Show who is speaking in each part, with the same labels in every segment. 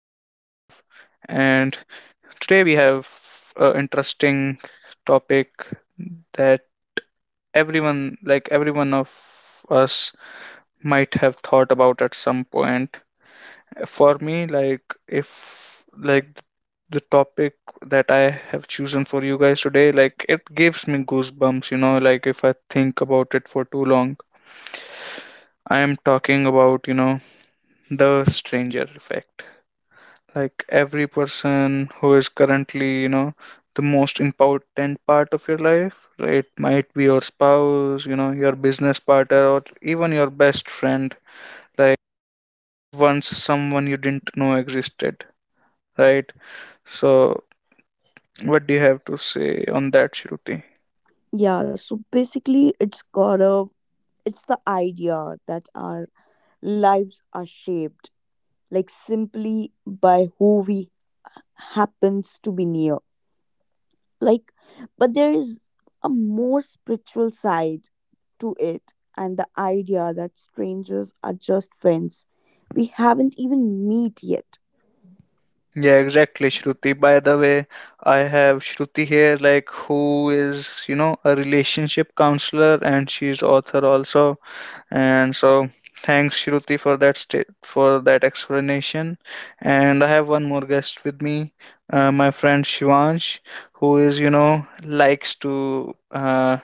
Speaker 1: and today we have an interesting topic that everyone, like every one of us, might have thought about at some point. For me, like if like the topic that I have chosen for you guys today, like it gives me goosebumps. If I think about it for too long. I am talking about, the stranger effect, like every person who is currently, the most important part of your life, it might be your spouse, your business partner, or even your best friend, like, was once someone you didn't know existed, right? So what do you have to say on that, Shruti?
Speaker 2: Yeah, so basically, it's got a it's the idea that our lives are shaped, like, simply by who we happens to be near. Like, but there is a more spiritual side to it, and the idea that strangers are just friends we haven't even meet yet.
Speaker 1: Yeah, exactly, Shruti. By the way, I have Shruti here, like, who is, a relationship counselor, and she's author also. And so thanks Shruti for that sta for that explanation. And I have one more guest with me, my friend Shivansh, who is, likes to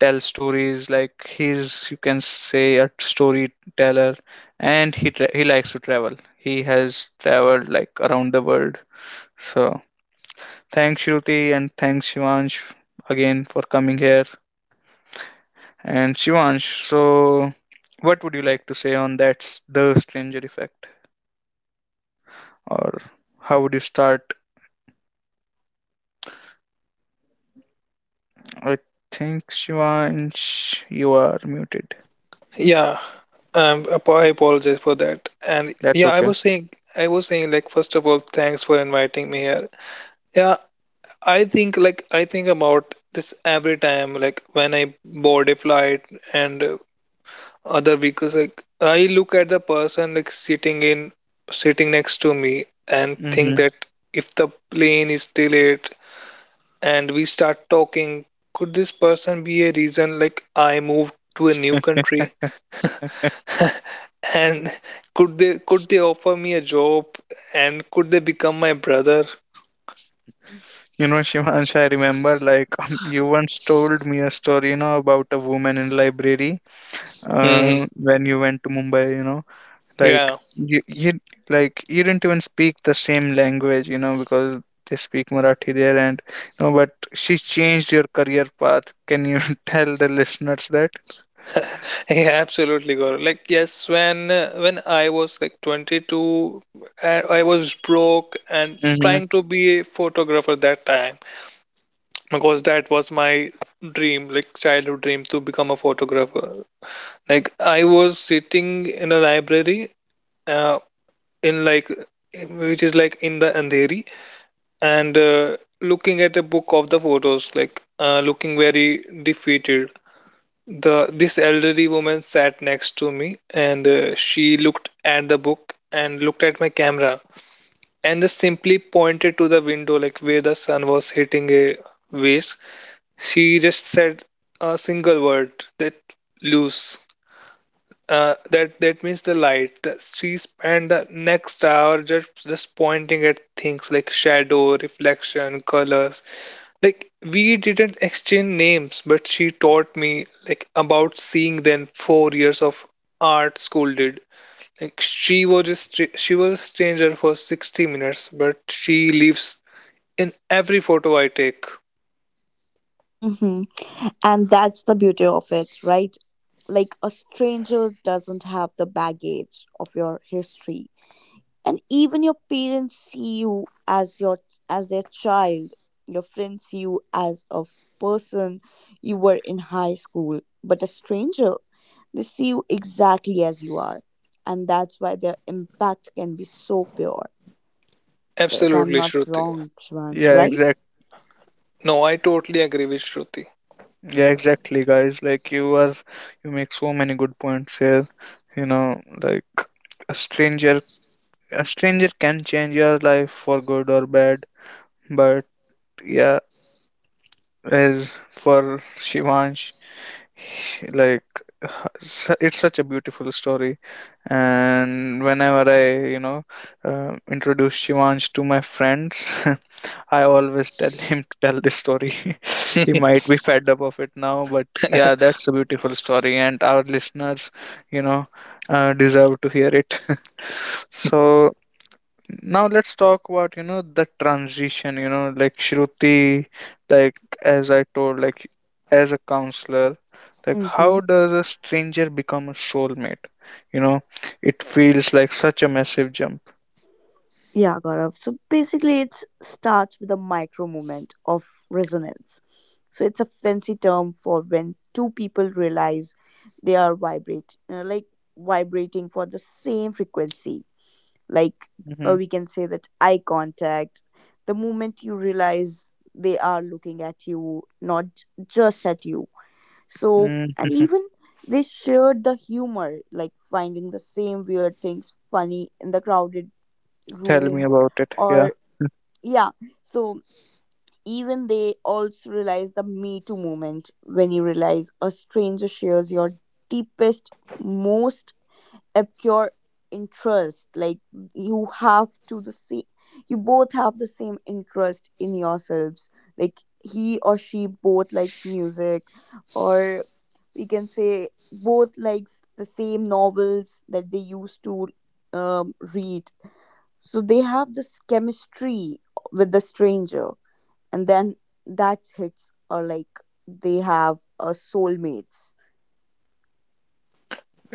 Speaker 1: tell stories. Like he's, you can say, a storyteller, and he likes to travel. He has traveled like around the world. So thanks Shruti and thanks Shivansh again for coming here. And Shivansh, so what would you like to say on the stranger effect, or how would you start? I think Shivansh, you are muted.
Speaker 3: Yeah, I apologize for that. And
Speaker 1: That's
Speaker 3: yeah,
Speaker 1: okay.
Speaker 3: I was saying, like, first of all, thanks for inviting me here. Yeah, I think, like, I think about this every time, like, when I board a flight and other vehicles, like, I look at the person, like, sitting next to me, and think
Speaker 1: Hmm.
Speaker 3: that if the plane is delayed and we start talking, could this person be a reason, like, I moved to a new country? And could they offer me a job and could they become my brother?
Speaker 1: You know, Shivansh, I remember like you once told me a story, about a woman in library,
Speaker 3: Hmm.
Speaker 1: when you went to Mumbai. Like
Speaker 3: Yeah.
Speaker 1: you, you like you didn't even speak the same language, you know, because they speak Marathi there, and no, but she changed your career path. Can you tell the listeners that?
Speaker 3: Yeah, absolutely, Gaurav. Like, yes, when I was like 22, I was broke and
Speaker 1: Mm-hmm.
Speaker 3: trying to be a photographer that time because that was my dream, like childhood dream to become a photographer. Like, I was sitting in a library, uh, in like, which is like in the Andheri, and looking at a book of the photos, looking very defeated. The this elderly woman sat next to me, and she looked at the book and looked at my camera, and just simply pointed to the window, like where the sun was hitting a vase. She just said a single word, that, loose. That means the light. That she spent the next hour just pointing at things like shadow, reflection, colors, like we didn't exchange names, but she taught me like about seeing than 4 years of art school did. Like she was a she was a stranger for 60 minutes, but she lives in every photo I take.
Speaker 2: Hmm And that's the beauty of it, right? Like, a stranger doesn't have the baggage of your history, and even your parents see you as your as their child, your friends see you as a f- person you were in high school, but a stranger, they see you exactly as you are, and that's why their impact can be so pure. If I'm
Speaker 3: Absolutely,
Speaker 2: not
Speaker 3: Shruti.
Speaker 2: wrong, Shivansh,
Speaker 1: Yeah,
Speaker 2: right?
Speaker 1: exact.
Speaker 3: No, I totally agree with Shruti.
Speaker 1: Yeah, exactly, guys. You make so many good points here. You know, like, a stranger can change your life for good or bad. But yeah, as for Shivansh, he- like it's such a beautiful story. And whenever I, introduce Shivansh to my friends, I always tell him to tell this story. He might be fed up of it now, but yeah, that's a beautiful story, and our listeners, you know deserve to hear it. So now let's talk about, the transition, like, Shruti, like, as I told, like, as a counselor, like, how
Speaker 2: Mm-hmm.
Speaker 1: does a stranger become a soulmate? You know, it feels like such a massive jump.
Speaker 2: Yeah, Gaurav. So basically, it starts with a micro moment of resonance. So it's a fancy term for when two people realize they are vibrate, like vibrating for the same frequency. Like,
Speaker 1: Hmm.
Speaker 2: we can say that eye contact. The moment you realize they are looking at you, not just at you. So,
Speaker 1: Hmm.
Speaker 2: and even they shared the humor, like finding the same weird things funny in the crowded
Speaker 1: Tell me
Speaker 2: room,
Speaker 1: about it. Yeah.
Speaker 2: or yeah, so even they also realize the me too moment when you realize a stranger shares your deepest, most obscure interest. Like, you have to the same you both have the same interest in yourselves, like he or she both likes music, or we can say both likes the same novels that they used to read. So they have this chemistry with the stranger, and then that hits, or like they have a soulmates.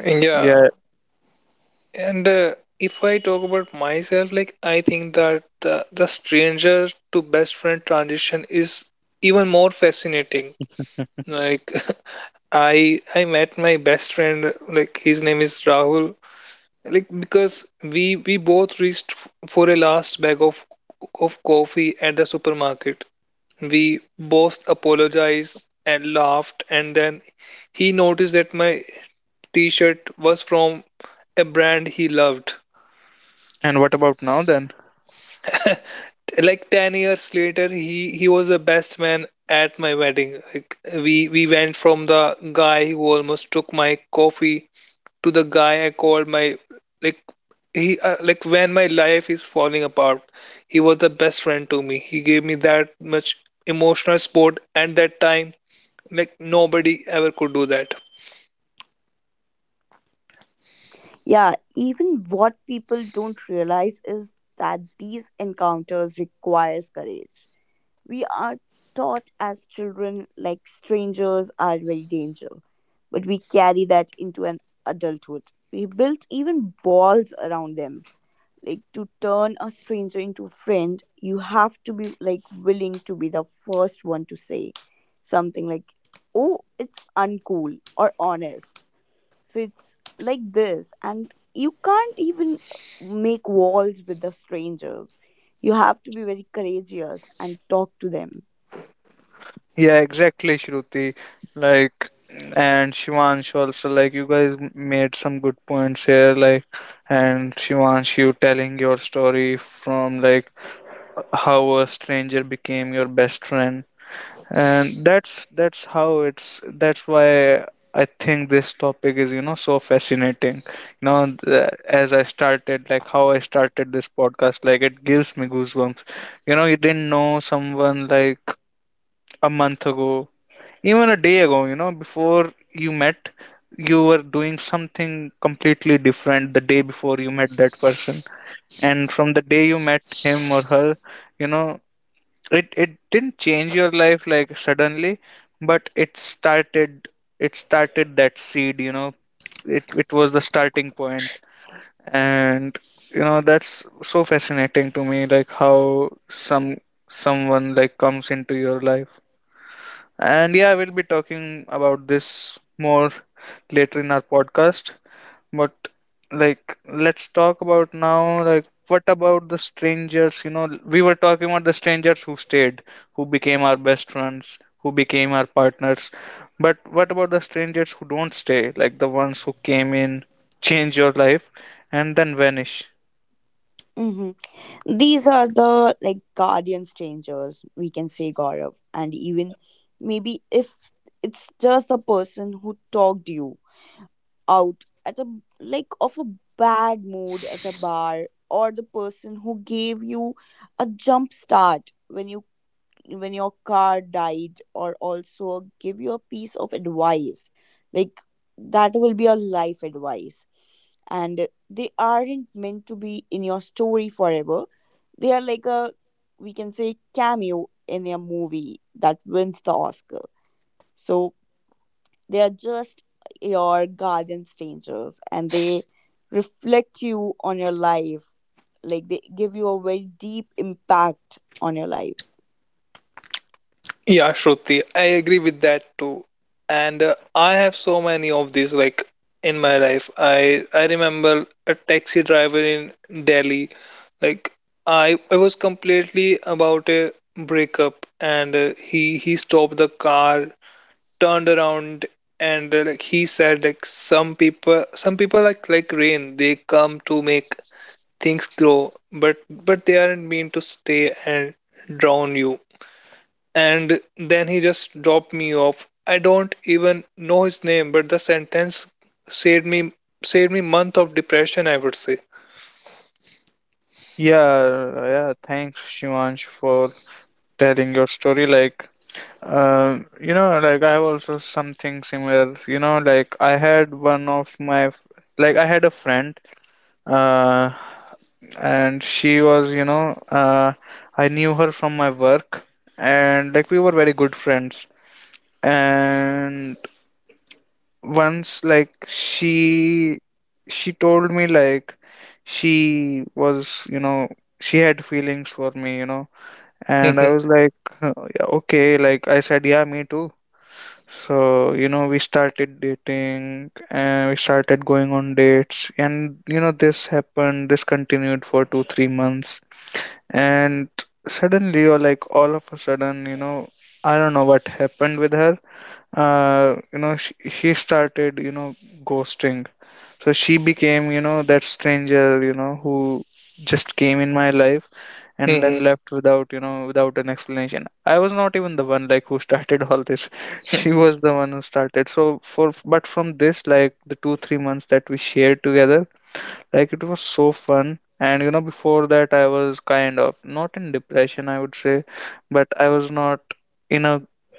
Speaker 3: Yeah,
Speaker 1: Yeah.
Speaker 3: and if I talk about myself, like I think that the stranger to best friend transition is even more fascinating. Like, I met my best friend, like his name is Rahul, like because we both reached for a last bag of coffee at the supermarket. We both apologized and laughed, and then he noticed that my t-shirt was from a brand he loved.
Speaker 1: And what about now then.
Speaker 3: Like 10 years later he was the best man at my wedding. Like we went from the guy who almost took my coffee to the guy I called my, like, he like when my life is falling apart. He was the best friend to me. He gave me that much emotional support at that time. Like nobody ever could do that.
Speaker 2: Yeah, even what people don't realize is that these encounters requires courage. We are taught as children like strangers are very danger, but we carry that into an adulthood. We built even walls around them. Like, to turn a stranger into a friend, you have to be like willing to be the first one to say something, like, oh, it's uncool or honest. So it's like this, and you can't even make walls with the strangers. You have to be very courageous and talk to them.
Speaker 1: Yeah, exactly, Shruti. Like, and Shivansh also, like, you guys made some good points here. Like, and Shivansh, you telling your story from, like, how a stranger became your best friend. And that's that's why I think this topic is, you know, so fascinating. You know, as I started, like, how I started this podcast, like, it gives me goosebumps. You know, you didn't know someone, like, a month ago, even a day ago, you know, before you met, you were doing something completely different the day before you met that person. And from the day you met him or her, you know, it didn't change your life like suddenly, but it started that seed, you know. It was the starting point. And you know, that's so fascinating to me, like how someone like comes into your life. And yeah, we'll be talking about this more later in our podcast. But like, let's talk about now, like, what about the strangers? You know, we were talking about the strangers who stayed, who became our best friends, who became our partners. But what about the strangers who don't stay, like the ones who came in, change your life, and then vanish?
Speaker 2: Hmm These are the like guardian strangers, we can say, Gaurav. And even maybe if it's just the person who talked you out at a like of a bad mood at a bar, or the person who gave you a jump start when your car died, or also give you a piece of advice, like that will be a life advice. And they aren't meant to be in your story forever. They are like a, we can say, cameo in a movie that wins the Oscar. So they are just your guardian strangers, and they reflect you on your life. Like, they give you a very deep impact on your life.
Speaker 3: Yeah, Shruti, I agree with that too. And I have so many of these like in my life. I remember a taxi driver in Delhi. Like I was completely about a breakup, and he stopped the car, turned around, and like he said, like some people like rain, they come to make things grow, but they aren't meant to stay and drown you. And then he just dropped me off. I don't even know his name, but the sentence saved me, saved me month of depression, I would say.
Speaker 1: Yeah, yeah, thanks, Shivansh, for telling your story. Like, like I have also something similar. You know, like I had one of my, f- like I had a friend, uh, and she was, I knew her from my work, and like we were very good friends. And once, like, she told me like she was, you know, she had feelings for me, you know, and I
Speaker 3: Hmm.
Speaker 1: was like, yeah, okay, like I said, yeah, me too. So, you know, we started dating and we started going on dates. And, you know, this continued for two, 3 months. And suddenly, or like all of a sudden, I don't know what happened with her. She started, ghosting, so she became, that stranger, who just came in my life and then
Speaker 3: Hmm.
Speaker 1: left without, without an explanation. I was not even the one like who started all this. She was the one who started. So, for, but from this like the two, 3 months that we shared together, like it was so fun. And you know, before that I was kind of not in depression, I would say, but I was not in a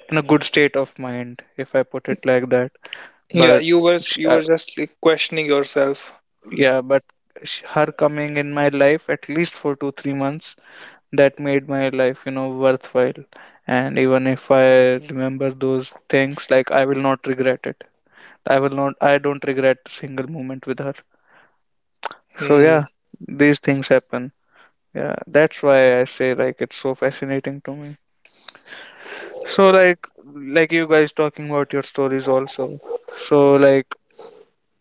Speaker 1: in a good state of mind, if I put it like that.
Speaker 3: yeah,
Speaker 1: But
Speaker 3: you were
Speaker 1: sh-
Speaker 3: you were just like questioning yourself.
Speaker 1: yeah, but her coming in my life, at least for 2-3 months, that made my life, you know, worthwhile. And even if I remember those things, like, I will not regret it. I will not I don't regret a single moment with her. So yeah,
Speaker 3: Hmm.
Speaker 1: these things happen. Yeah, that's why I say, like, it's so fascinating to me. So like, you guys talking about your stories also. So like,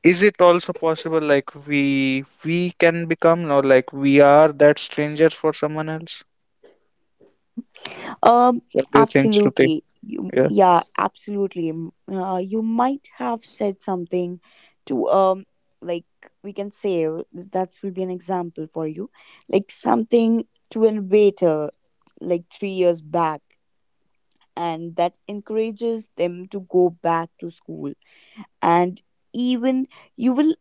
Speaker 1: is it also possible, like, we can become, or like, we are that strangers for someone else?
Speaker 2: Um,
Speaker 1: What do you think, Shruti?
Speaker 2: Absolutely. You,
Speaker 1: Yeah.
Speaker 2: yeah, absolutely. M- You might have said something to like, we can say, that will be an example for you, like something to an waiter, like 3 years back, and that encourages them to go back to school. And even you will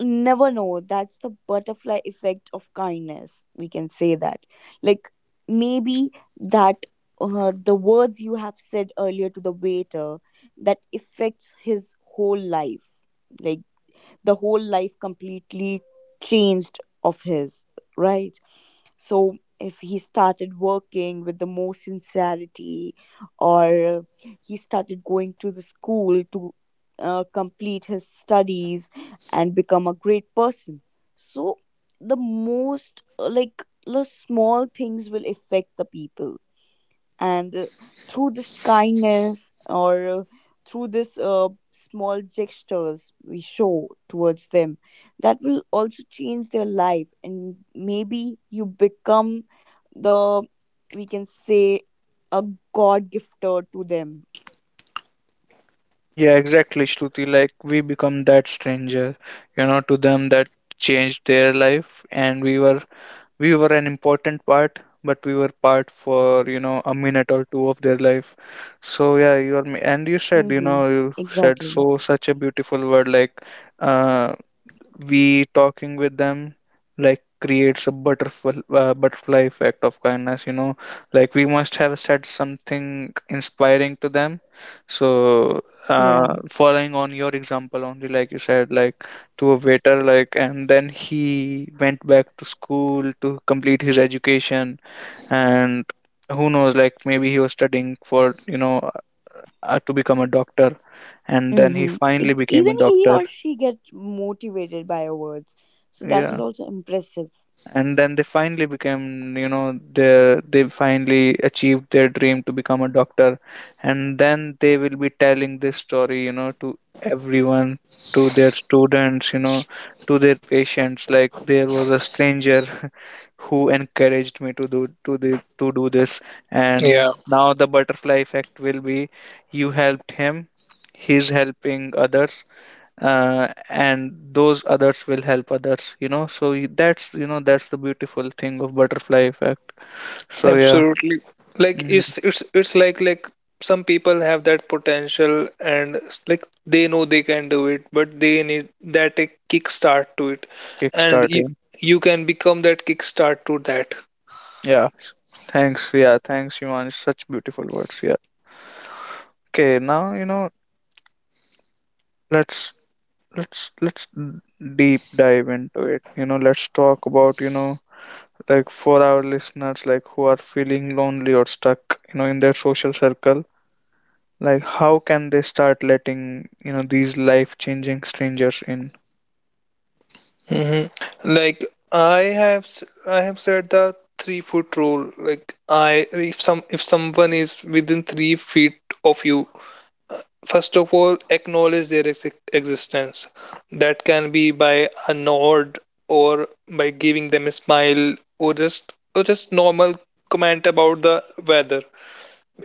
Speaker 2: never know. That's the butterfly effect of kindness, we can say that. Like, maybe that the words you have said earlier to the waiter, that affects his whole life. Like, the whole life completely changed of his, right? So if he started working with the more sincerity, or he started going to the school to complete his studies and become a great person. So the most, like, the small things will affect the people, and through this kindness, or through this small gestures we show towards them, that will also change their life, and maybe you become the, we can say, a god gifter to them.
Speaker 1: Yeah, exactly, Shruti. Like, we become that stranger, to them, that changed their life, and we were, we were an important part, but we were part for, a minute or two of their life. So yeah, you are, and you said,
Speaker 2: Mm-hmm. Exactly,
Speaker 1: so such a beautiful word, like, uh we talking with them like creates a butterfly effect of kindness, like we must have said something inspiring to them. So
Speaker 2: yeah.
Speaker 1: following on your example only, like you said, like, to a waiter, like, and then he went back to school to complete his education. And who knows, like, maybe he was studying for, to become a doctor, and then he
Speaker 2: Mm-hmm.
Speaker 1: finally became a
Speaker 2: Even he
Speaker 1: doctor.
Speaker 2: or she gets motivated by your words. So that is
Speaker 1: Yeah,
Speaker 2: also impressive.
Speaker 1: and then they finally became you know they finally achieved their dream to become a doctor. And then they will be telling this story, to everyone, to their students, to their patients, like, there was a stranger who encouraged me to do to the to do this. And
Speaker 3: Yeah.
Speaker 1: now the butterfly effect will be, you helped him, he's helping others, and those others will help others. You know so y- that's you know that's the beautiful thing of butterfly effect. So yeah.
Speaker 3: Absolutely. Like
Speaker 1: Mm,
Speaker 3: it's like some people have that potential, and like they know they can do it, but they need that a kickstart to it, and
Speaker 1: kickstart,
Speaker 3: you
Speaker 1: yeah.
Speaker 3: you can become that kickstart to that.
Speaker 1: Yeah, thanks, yeah, thanks Yuman, such beautiful words. Yeah, okay, now, you know, let's let's let's d- deep dive into it. You know, let's talk about, you know, like, for our listeners, like, who are feeling lonely or stuck, you know, in their social circle, like, how can they start letting, you know, these life changing strangers in?
Speaker 3: Hmm. Like I have said the 3 foot rule. Like I, if some if someone is within 3 feet of you, first of all, acknowledge their existence. That can be by a nod, or by giving them a smile, or just normal comment about the weather.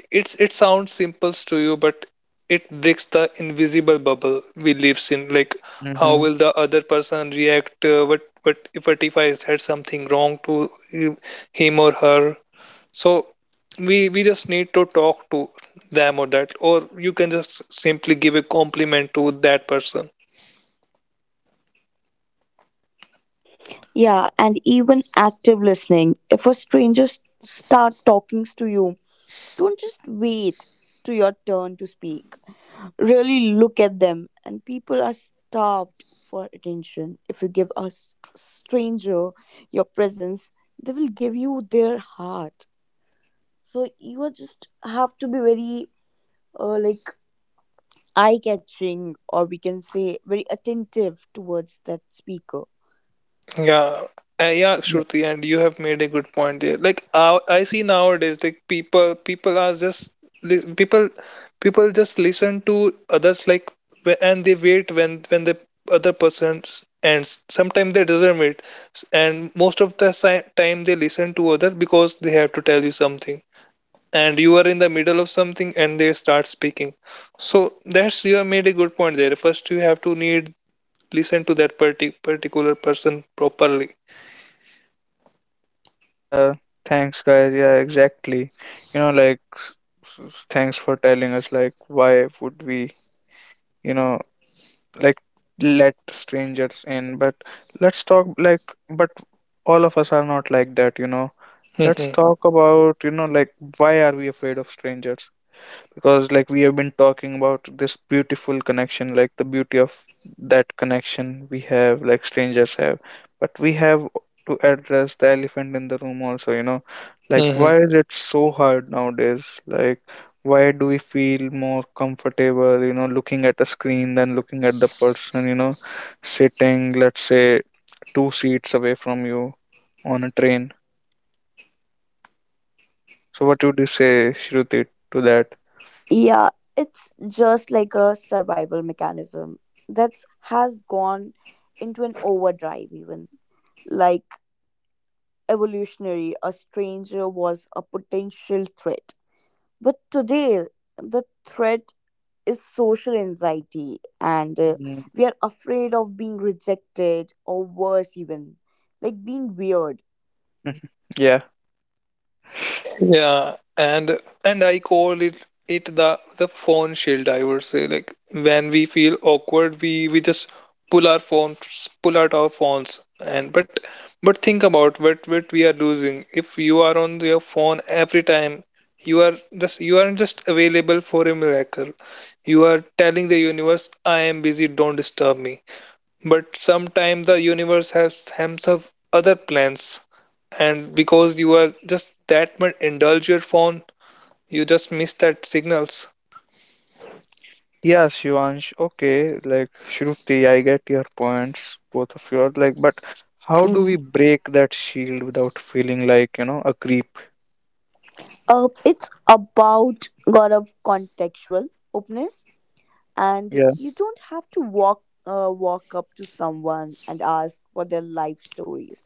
Speaker 3: It's, it sounds simple to you, but it breaks the invisible bubble we live in. Like, how
Speaker 1: Mm-hmm.
Speaker 3: will the other person react? What if I said something wrong to him, him or her? So we just need to talk to them, or that, or you can just simply give a compliment to that person.
Speaker 2: Yeah, and even active listening. If a stranger s- start talking to you, don't just wait to your turn to speak. Really look at them. And people are starved for attention. If you give a s- stranger your presence, they will give you their heart. So you are just have to be very like eye catching, or we can say very attentive towards that speaker.
Speaker 3: Yeah. Yeah,
Speaker 1: Yeah.
Speaker 3: Shruti, and you have made a good point there. Like, I see nowadays, like people are just li- people people just listen to others, like and they wait when the other person ends. Sometimes they doesn't wait, and most of the time they listen to other because they have to tell you something, and you are in the middle of something and they start speaking. So that's, you have made a good point there. First, you have to need listen to that particular person properly.
Speaker 1: Yeah, thanks guys. Yeah, exactly. You know, like thanks for telling us like why would we, you know, like, let strangers in, but let's talk like, but all of us are not like that, you know. Let's
Speaker 3: Hmm.
Speaker 1: talk about, you know, like, why are we afraid of strangers? Because, like, we have been talking about this beautiful connection, like the beauty of that connection we have, like, strangers have, but we have to address the elephant in the room also, you know, like,
Speaker 3: Hmm.
Speaker 1: why is it so hard nowadays, like, why do we feel more comfortable, you know, looking at a screen than looking at the person, you know, sitting, let's say, two seats away from you on a train. So what would you say, Shruti, to that?
Speaker 2: Yeah, it's just like a survival mechanism that has gone into an overdrive. Even like evolutionary, a stranger was a potential threat. But today, the threat is social anxiety, and
Speaker 1: Mm.
Speaker 2: we are afraid of being rejected, or worse even, like being weird.
Speaker 1: Yeah.
Speaker 3: Yeah, and I call it the phone shield, I would say. Like when we feel awkward, we just pull our phones, pull out our phones, and but think about what we are losing. If you are on your phone every time, you aren't just available for a miracle. You are telling the universe, I am busy, don't disturb me. But sometimes the universe has hams up other plans, and because you are just that much indulge your phone, you just miss that signals.
Speaker 1: Yeah, Shivansh. Okay, like, Shruti, I get your points, both of you are, like, but how do
Speaker 2: Mhm.
Speaker 1: we break that shield without feeling like, you know, a creep?
Speaker 2: It's about god of contextual openness, and
Speaker 1: Yeah.
Speaker 2: you don't have to walk up to someone and ask for their life stories.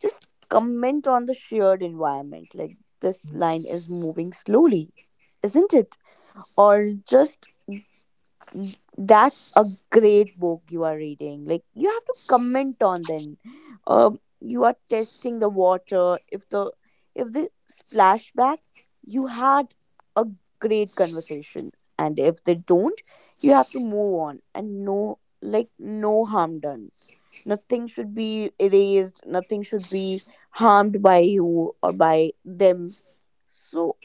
Speaker 2: Just comment on the shared environment, like, this line is moving slowly, isn't it? Or just, N- That's a great book you are reading. Like, you have to comment on then. You are testing the water. If the splashback, you had a great conversation. And if they don't, you have to move on, and no, like no harm done. Nothing should be erased. Nothing should be harmed by you or by them. So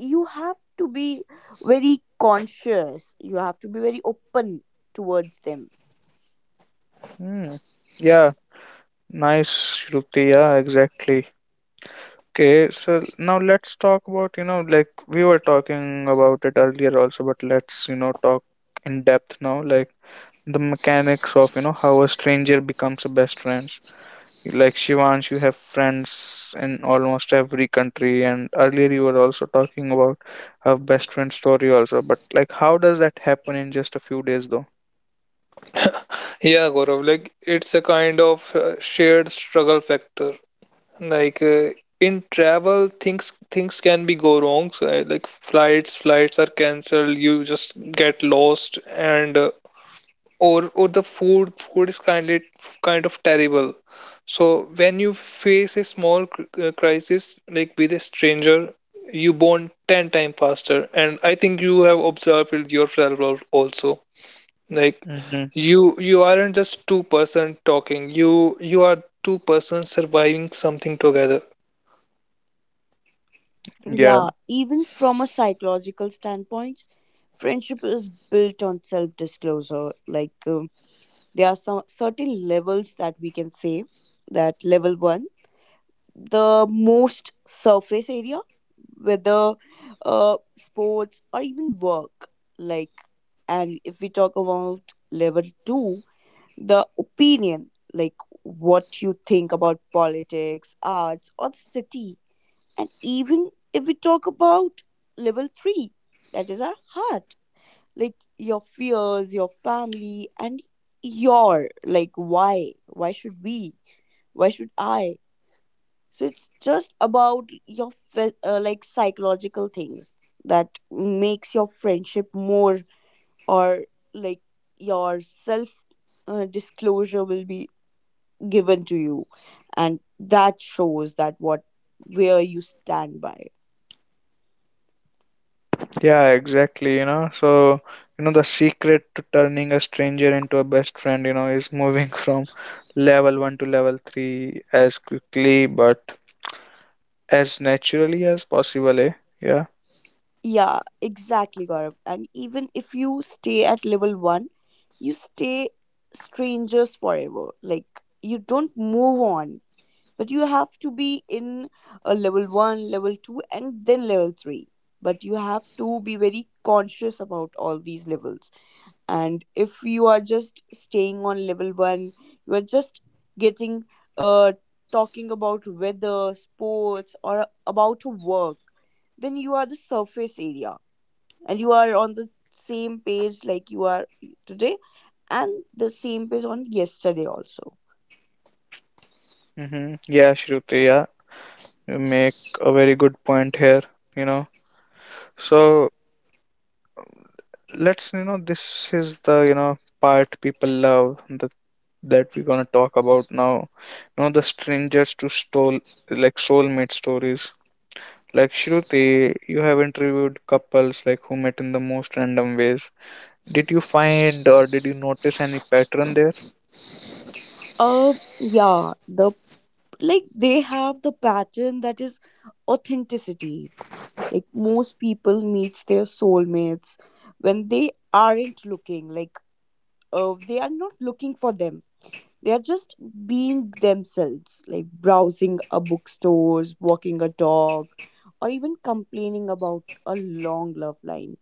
Speaker 2: you have to be very conscious. You have to be very open towards them.
Speaker 1: Mm. Yeah, nice, Shruti. Yeah, exactly. Okay, so now let's talk about, you know, like, we were talking about it earlier also, but let's, you know, talk in depth now, like the mechanics of, you know, how a stranger becomes a best friend. Like, Shivansh, you have friends in almost every country, and earlier you were also talking about her best friend story also. But like, how does that happen in just a few days, though?
Speaker 3: Yeah, Gaurav, like it's a kind of shared struggle factor. Like in travel, things can be go wrong. So, like flights are cancelled. You just get lost, and or the food is kindly kind of terrible. So when you face a small crisis like with a stranger, you bond 10 times faster. And I think you have observed it yourself, also, like
Speaker 1: Hmm.
Speaker 3: you aren't just two-person talking, you are two persons surviving something together.
Speaker 1: Yeah,
Speaker 2: Yeah, even from a psychological standpoint, friendship is built on self disclosure. Like, there are some certain levels that we can say, that level one, the most surface area, whether sports or even work. Like, and if we talk about level two, the opinion, like what you think about politics, arts, or the city. And even if we talk about level three, that is our heart, like your fears, your family, and your, like, why? Why should we? Why should I? So it's just about your like psychological things that makes your friendship more, or like your self disclosure will be given to you, and that shows that what where you stand by.
Speaker 1: yeah, exactly. You know, so, you know, the secret to turning a stranger into a best friend, you know, is moving from level one to level three as quickly but as naturally as possible, eh? Yeah.
Speaker 2: Yeah, exactly, Gaurav. And even if you stay at level 1, you stay strangers forever. Like, you don't move on, but you have to be in a level 1, level 2, and then level 3. But you have to be very conscious about all these levels. And if you are just staying on level 1, you are just getting, uh talking about weather, sports, or about work, then you are the surface area, and you are on the same page like you are today and the same page on yesterday also.
Speaker 1: Mm-hmm. Yeah, Shruti, yeah. You make a very good point here, you know. So let's, you know, this is the, you know, part people love, that that we're gonna talk about now, you know, the strangers to stole, like, soulmate stories. Like, Shruti, you have interviewed couples like who met in the most random ways. Did you find or did you notice any pattern there?
Speaker 2: Uh, yeah, the like they have the pattern that is authenticity. Like, most people meets their soulmates when they aren't looking. Like, they are not looking for them. They are just being themselves, like browsing a bookstores, walking a dog, or even complaining about a long love line.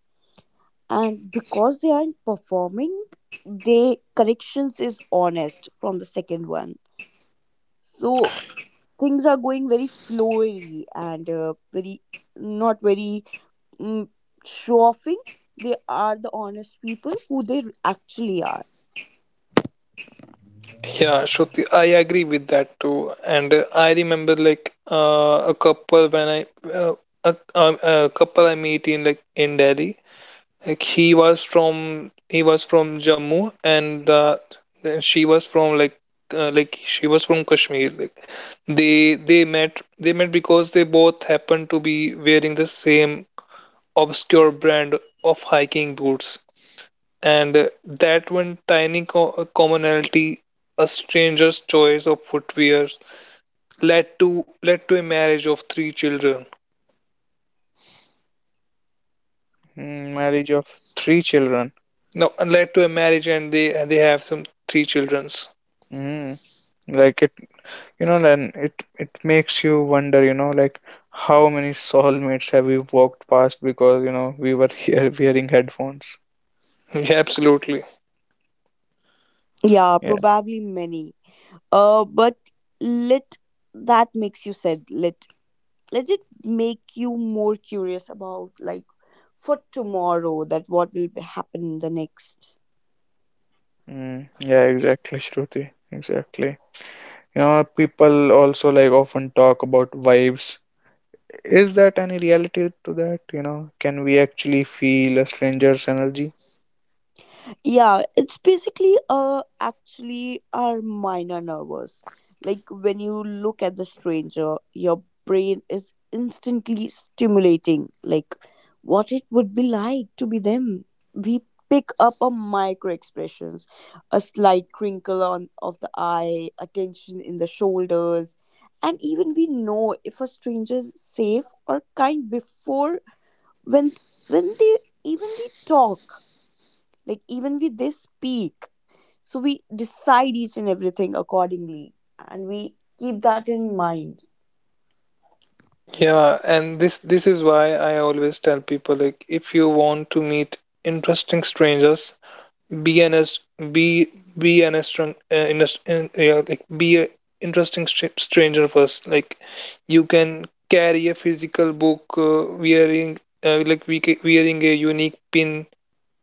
Speaker 2: And because they aren't performing, they corrections is honest from the second one. So things are going very flowy, and very, not very, mm, show offing. They are the honest people who they actually are.
Speaker 3: Yeah, Shruti, I agree with that too. And I remember like a, a, a couple I meet in like in Delhi. Like he was from Jammu, and then she was from like, she was from Kashmir. Like they met because they both happened to be wearing the same obscure brand of hiking boots. And that one tiny commonality, a stranger's choice of footwear, led to a marriage of three children.
Speaker 1: Mm, marriage of three children.
Speaker 3: No, led to a marriage, and they have some three childrens.
Speaker 1: Mm, like, it, you know, then it makes you wonder, you know, like, how many soulmates have we walked past because, you know, we were here wearing headphones?
Speaker 3: Yeah, absolutely.
Speaker 2: Yeah,
Speaker 1: Yeah.
Speaker 2: probably many. But let that makes you sad, let, let it make you more curious about, like, for tomorrow, that what will be happen the next.
Speaker 1: Mm, yeah, exactly, Shruti. Exactly. You know, people also, like, often talk about vibes. Is that any reality to that? You know, can we actually feel a stranger's energy?
Speaker 2: Yeah, it's basically actually our minor nervous. Like, when you look at the stranger, your brain is instantly stimulating like what it would be like to be them. We pick up on micro expressions, a slight crinkle on of the eye, a tension in the shoulders, and even we know if a stranger is safe or kind before when when they, even we talk, like even we they speak. So we decide each and everything accordingly, and we keep that in mind.
Speaker 3: Yeah, and this is why I always tell people, like if you want to meet interesting strangers, be an as be be an strong, yeah, like be a interesting stranger first. Like you can carry a physical book, wearing like we ca- wearing a unique pin,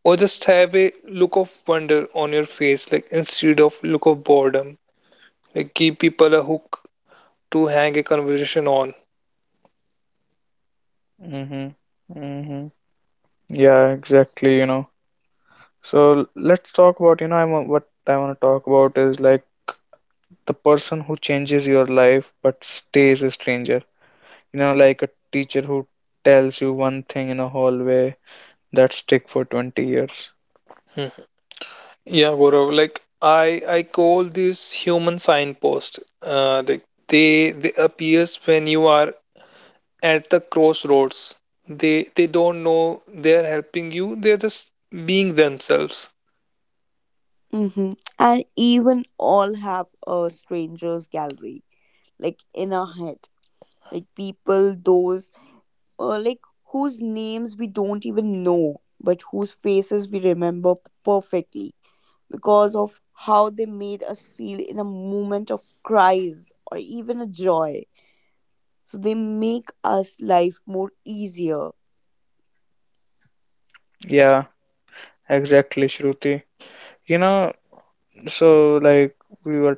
Speaker 3: or just have a look of wonder on your face, like instead of look of boredom. Like give people a hook to hang a conversation on.
Speaker 1: Mm-hmm. Mm-hmm. Yeah, exactly, you know. So let's talk about, you know, what I want to talk about is, like, the person who changes your life but stays a stranger. You know, like a teacher who tells you one thing in a hallway that stick for 20 years.
Speaker 3: Hmm. Yeah, Gaurav, like I call this human signpost. Like they appears when you are at the crossroads. They don't know they're helping you. They're just being themselves.
Speaker 2: Hmm and even all have a strangers gallery, like in our head, like people those, like whose names we don't even know, but whose faces we remember perfectly because of how they made us feel in a moment of cries or even a joy. So they make us life more easier.
Speaker 1: Yeah, exactly, Shruti. You know, so like we were,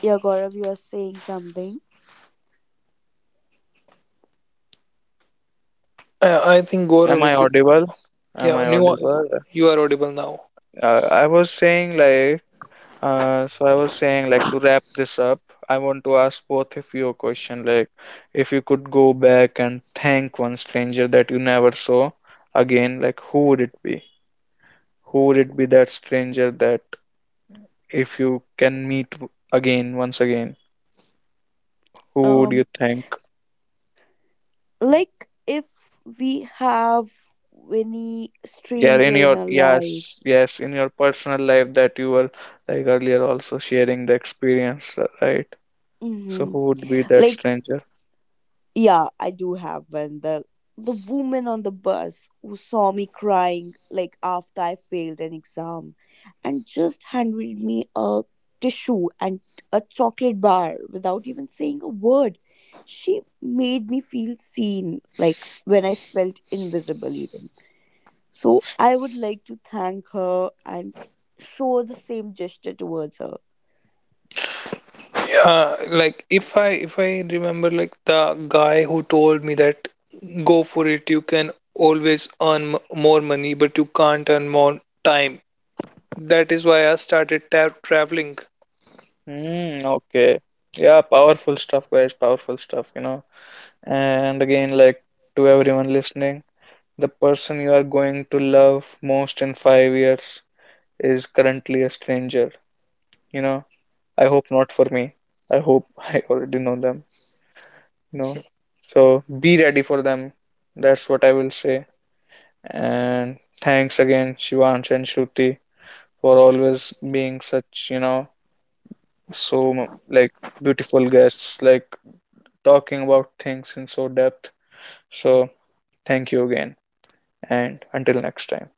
Speaker 2: Yeah, Gaurav, you are saying something.
Speaker 3: I think
Speaker 1: am
Speaker 3: Gaurav
Speaker 1: I
Speaker 3: is
Speaker 1: audible? Am
Speaker 3: Yeah.
Speaker 1: I
Speaker 3: New,
Speaker 1: audible?
Speaker 3: you are audible now.
Speaker 1: Uh, I was saying like, so I was saying, like, to wrap this up, I want to ask both of you a question. Like, if you could go back and thank one stranger that you never saw again, like, who would it be? Who would it be, that stranger that, if you can meet again, once again, who would you
Speaker 2: Um,
Speaker 1: thank?
Speaker 2: like, if we have any
Speaker 1: Yeah, in
Speaker 2: stranger in
Speaker 1: your,
Speaker 2: our life,
Speaker 1: yes, yes, in your personal life, that you were, like, earlier also sharing the experience, right? So
Speaker 2: hmm
Speaker 1: who would be that
Speaker 2: like,
Speaker 1: stranger?
Speaker 2: yeah, I do have one. The woman on the bus who saw me crying like after I failed an exam, and just handed me a tissue and a chocolate bar without even saying a word. She made me feel seen, like when I felt invisible, even. So I would like to thank her and show the same gesture towards her.
Speaker 3: Yeah, like if I remember like the guy who told me that, go for it. You can always earn more money, but you can't earn more time. That is why I started traveling.
Speaker 1: Hmm, okay. Yeah, powerful stuff, guys, powerful stuff, you know. And again, like, to everyone listening, the person you are going to love most in 5 years is currently a stranger, you know. I hope not for me. I hope I already know them, you know. So be ready for them. That's what I will say. And thanks again, Shivansh and Shruti, for always being such, you know, so, like, beautiful guests, like, talking about things in so depth. So thank you again, and until next time.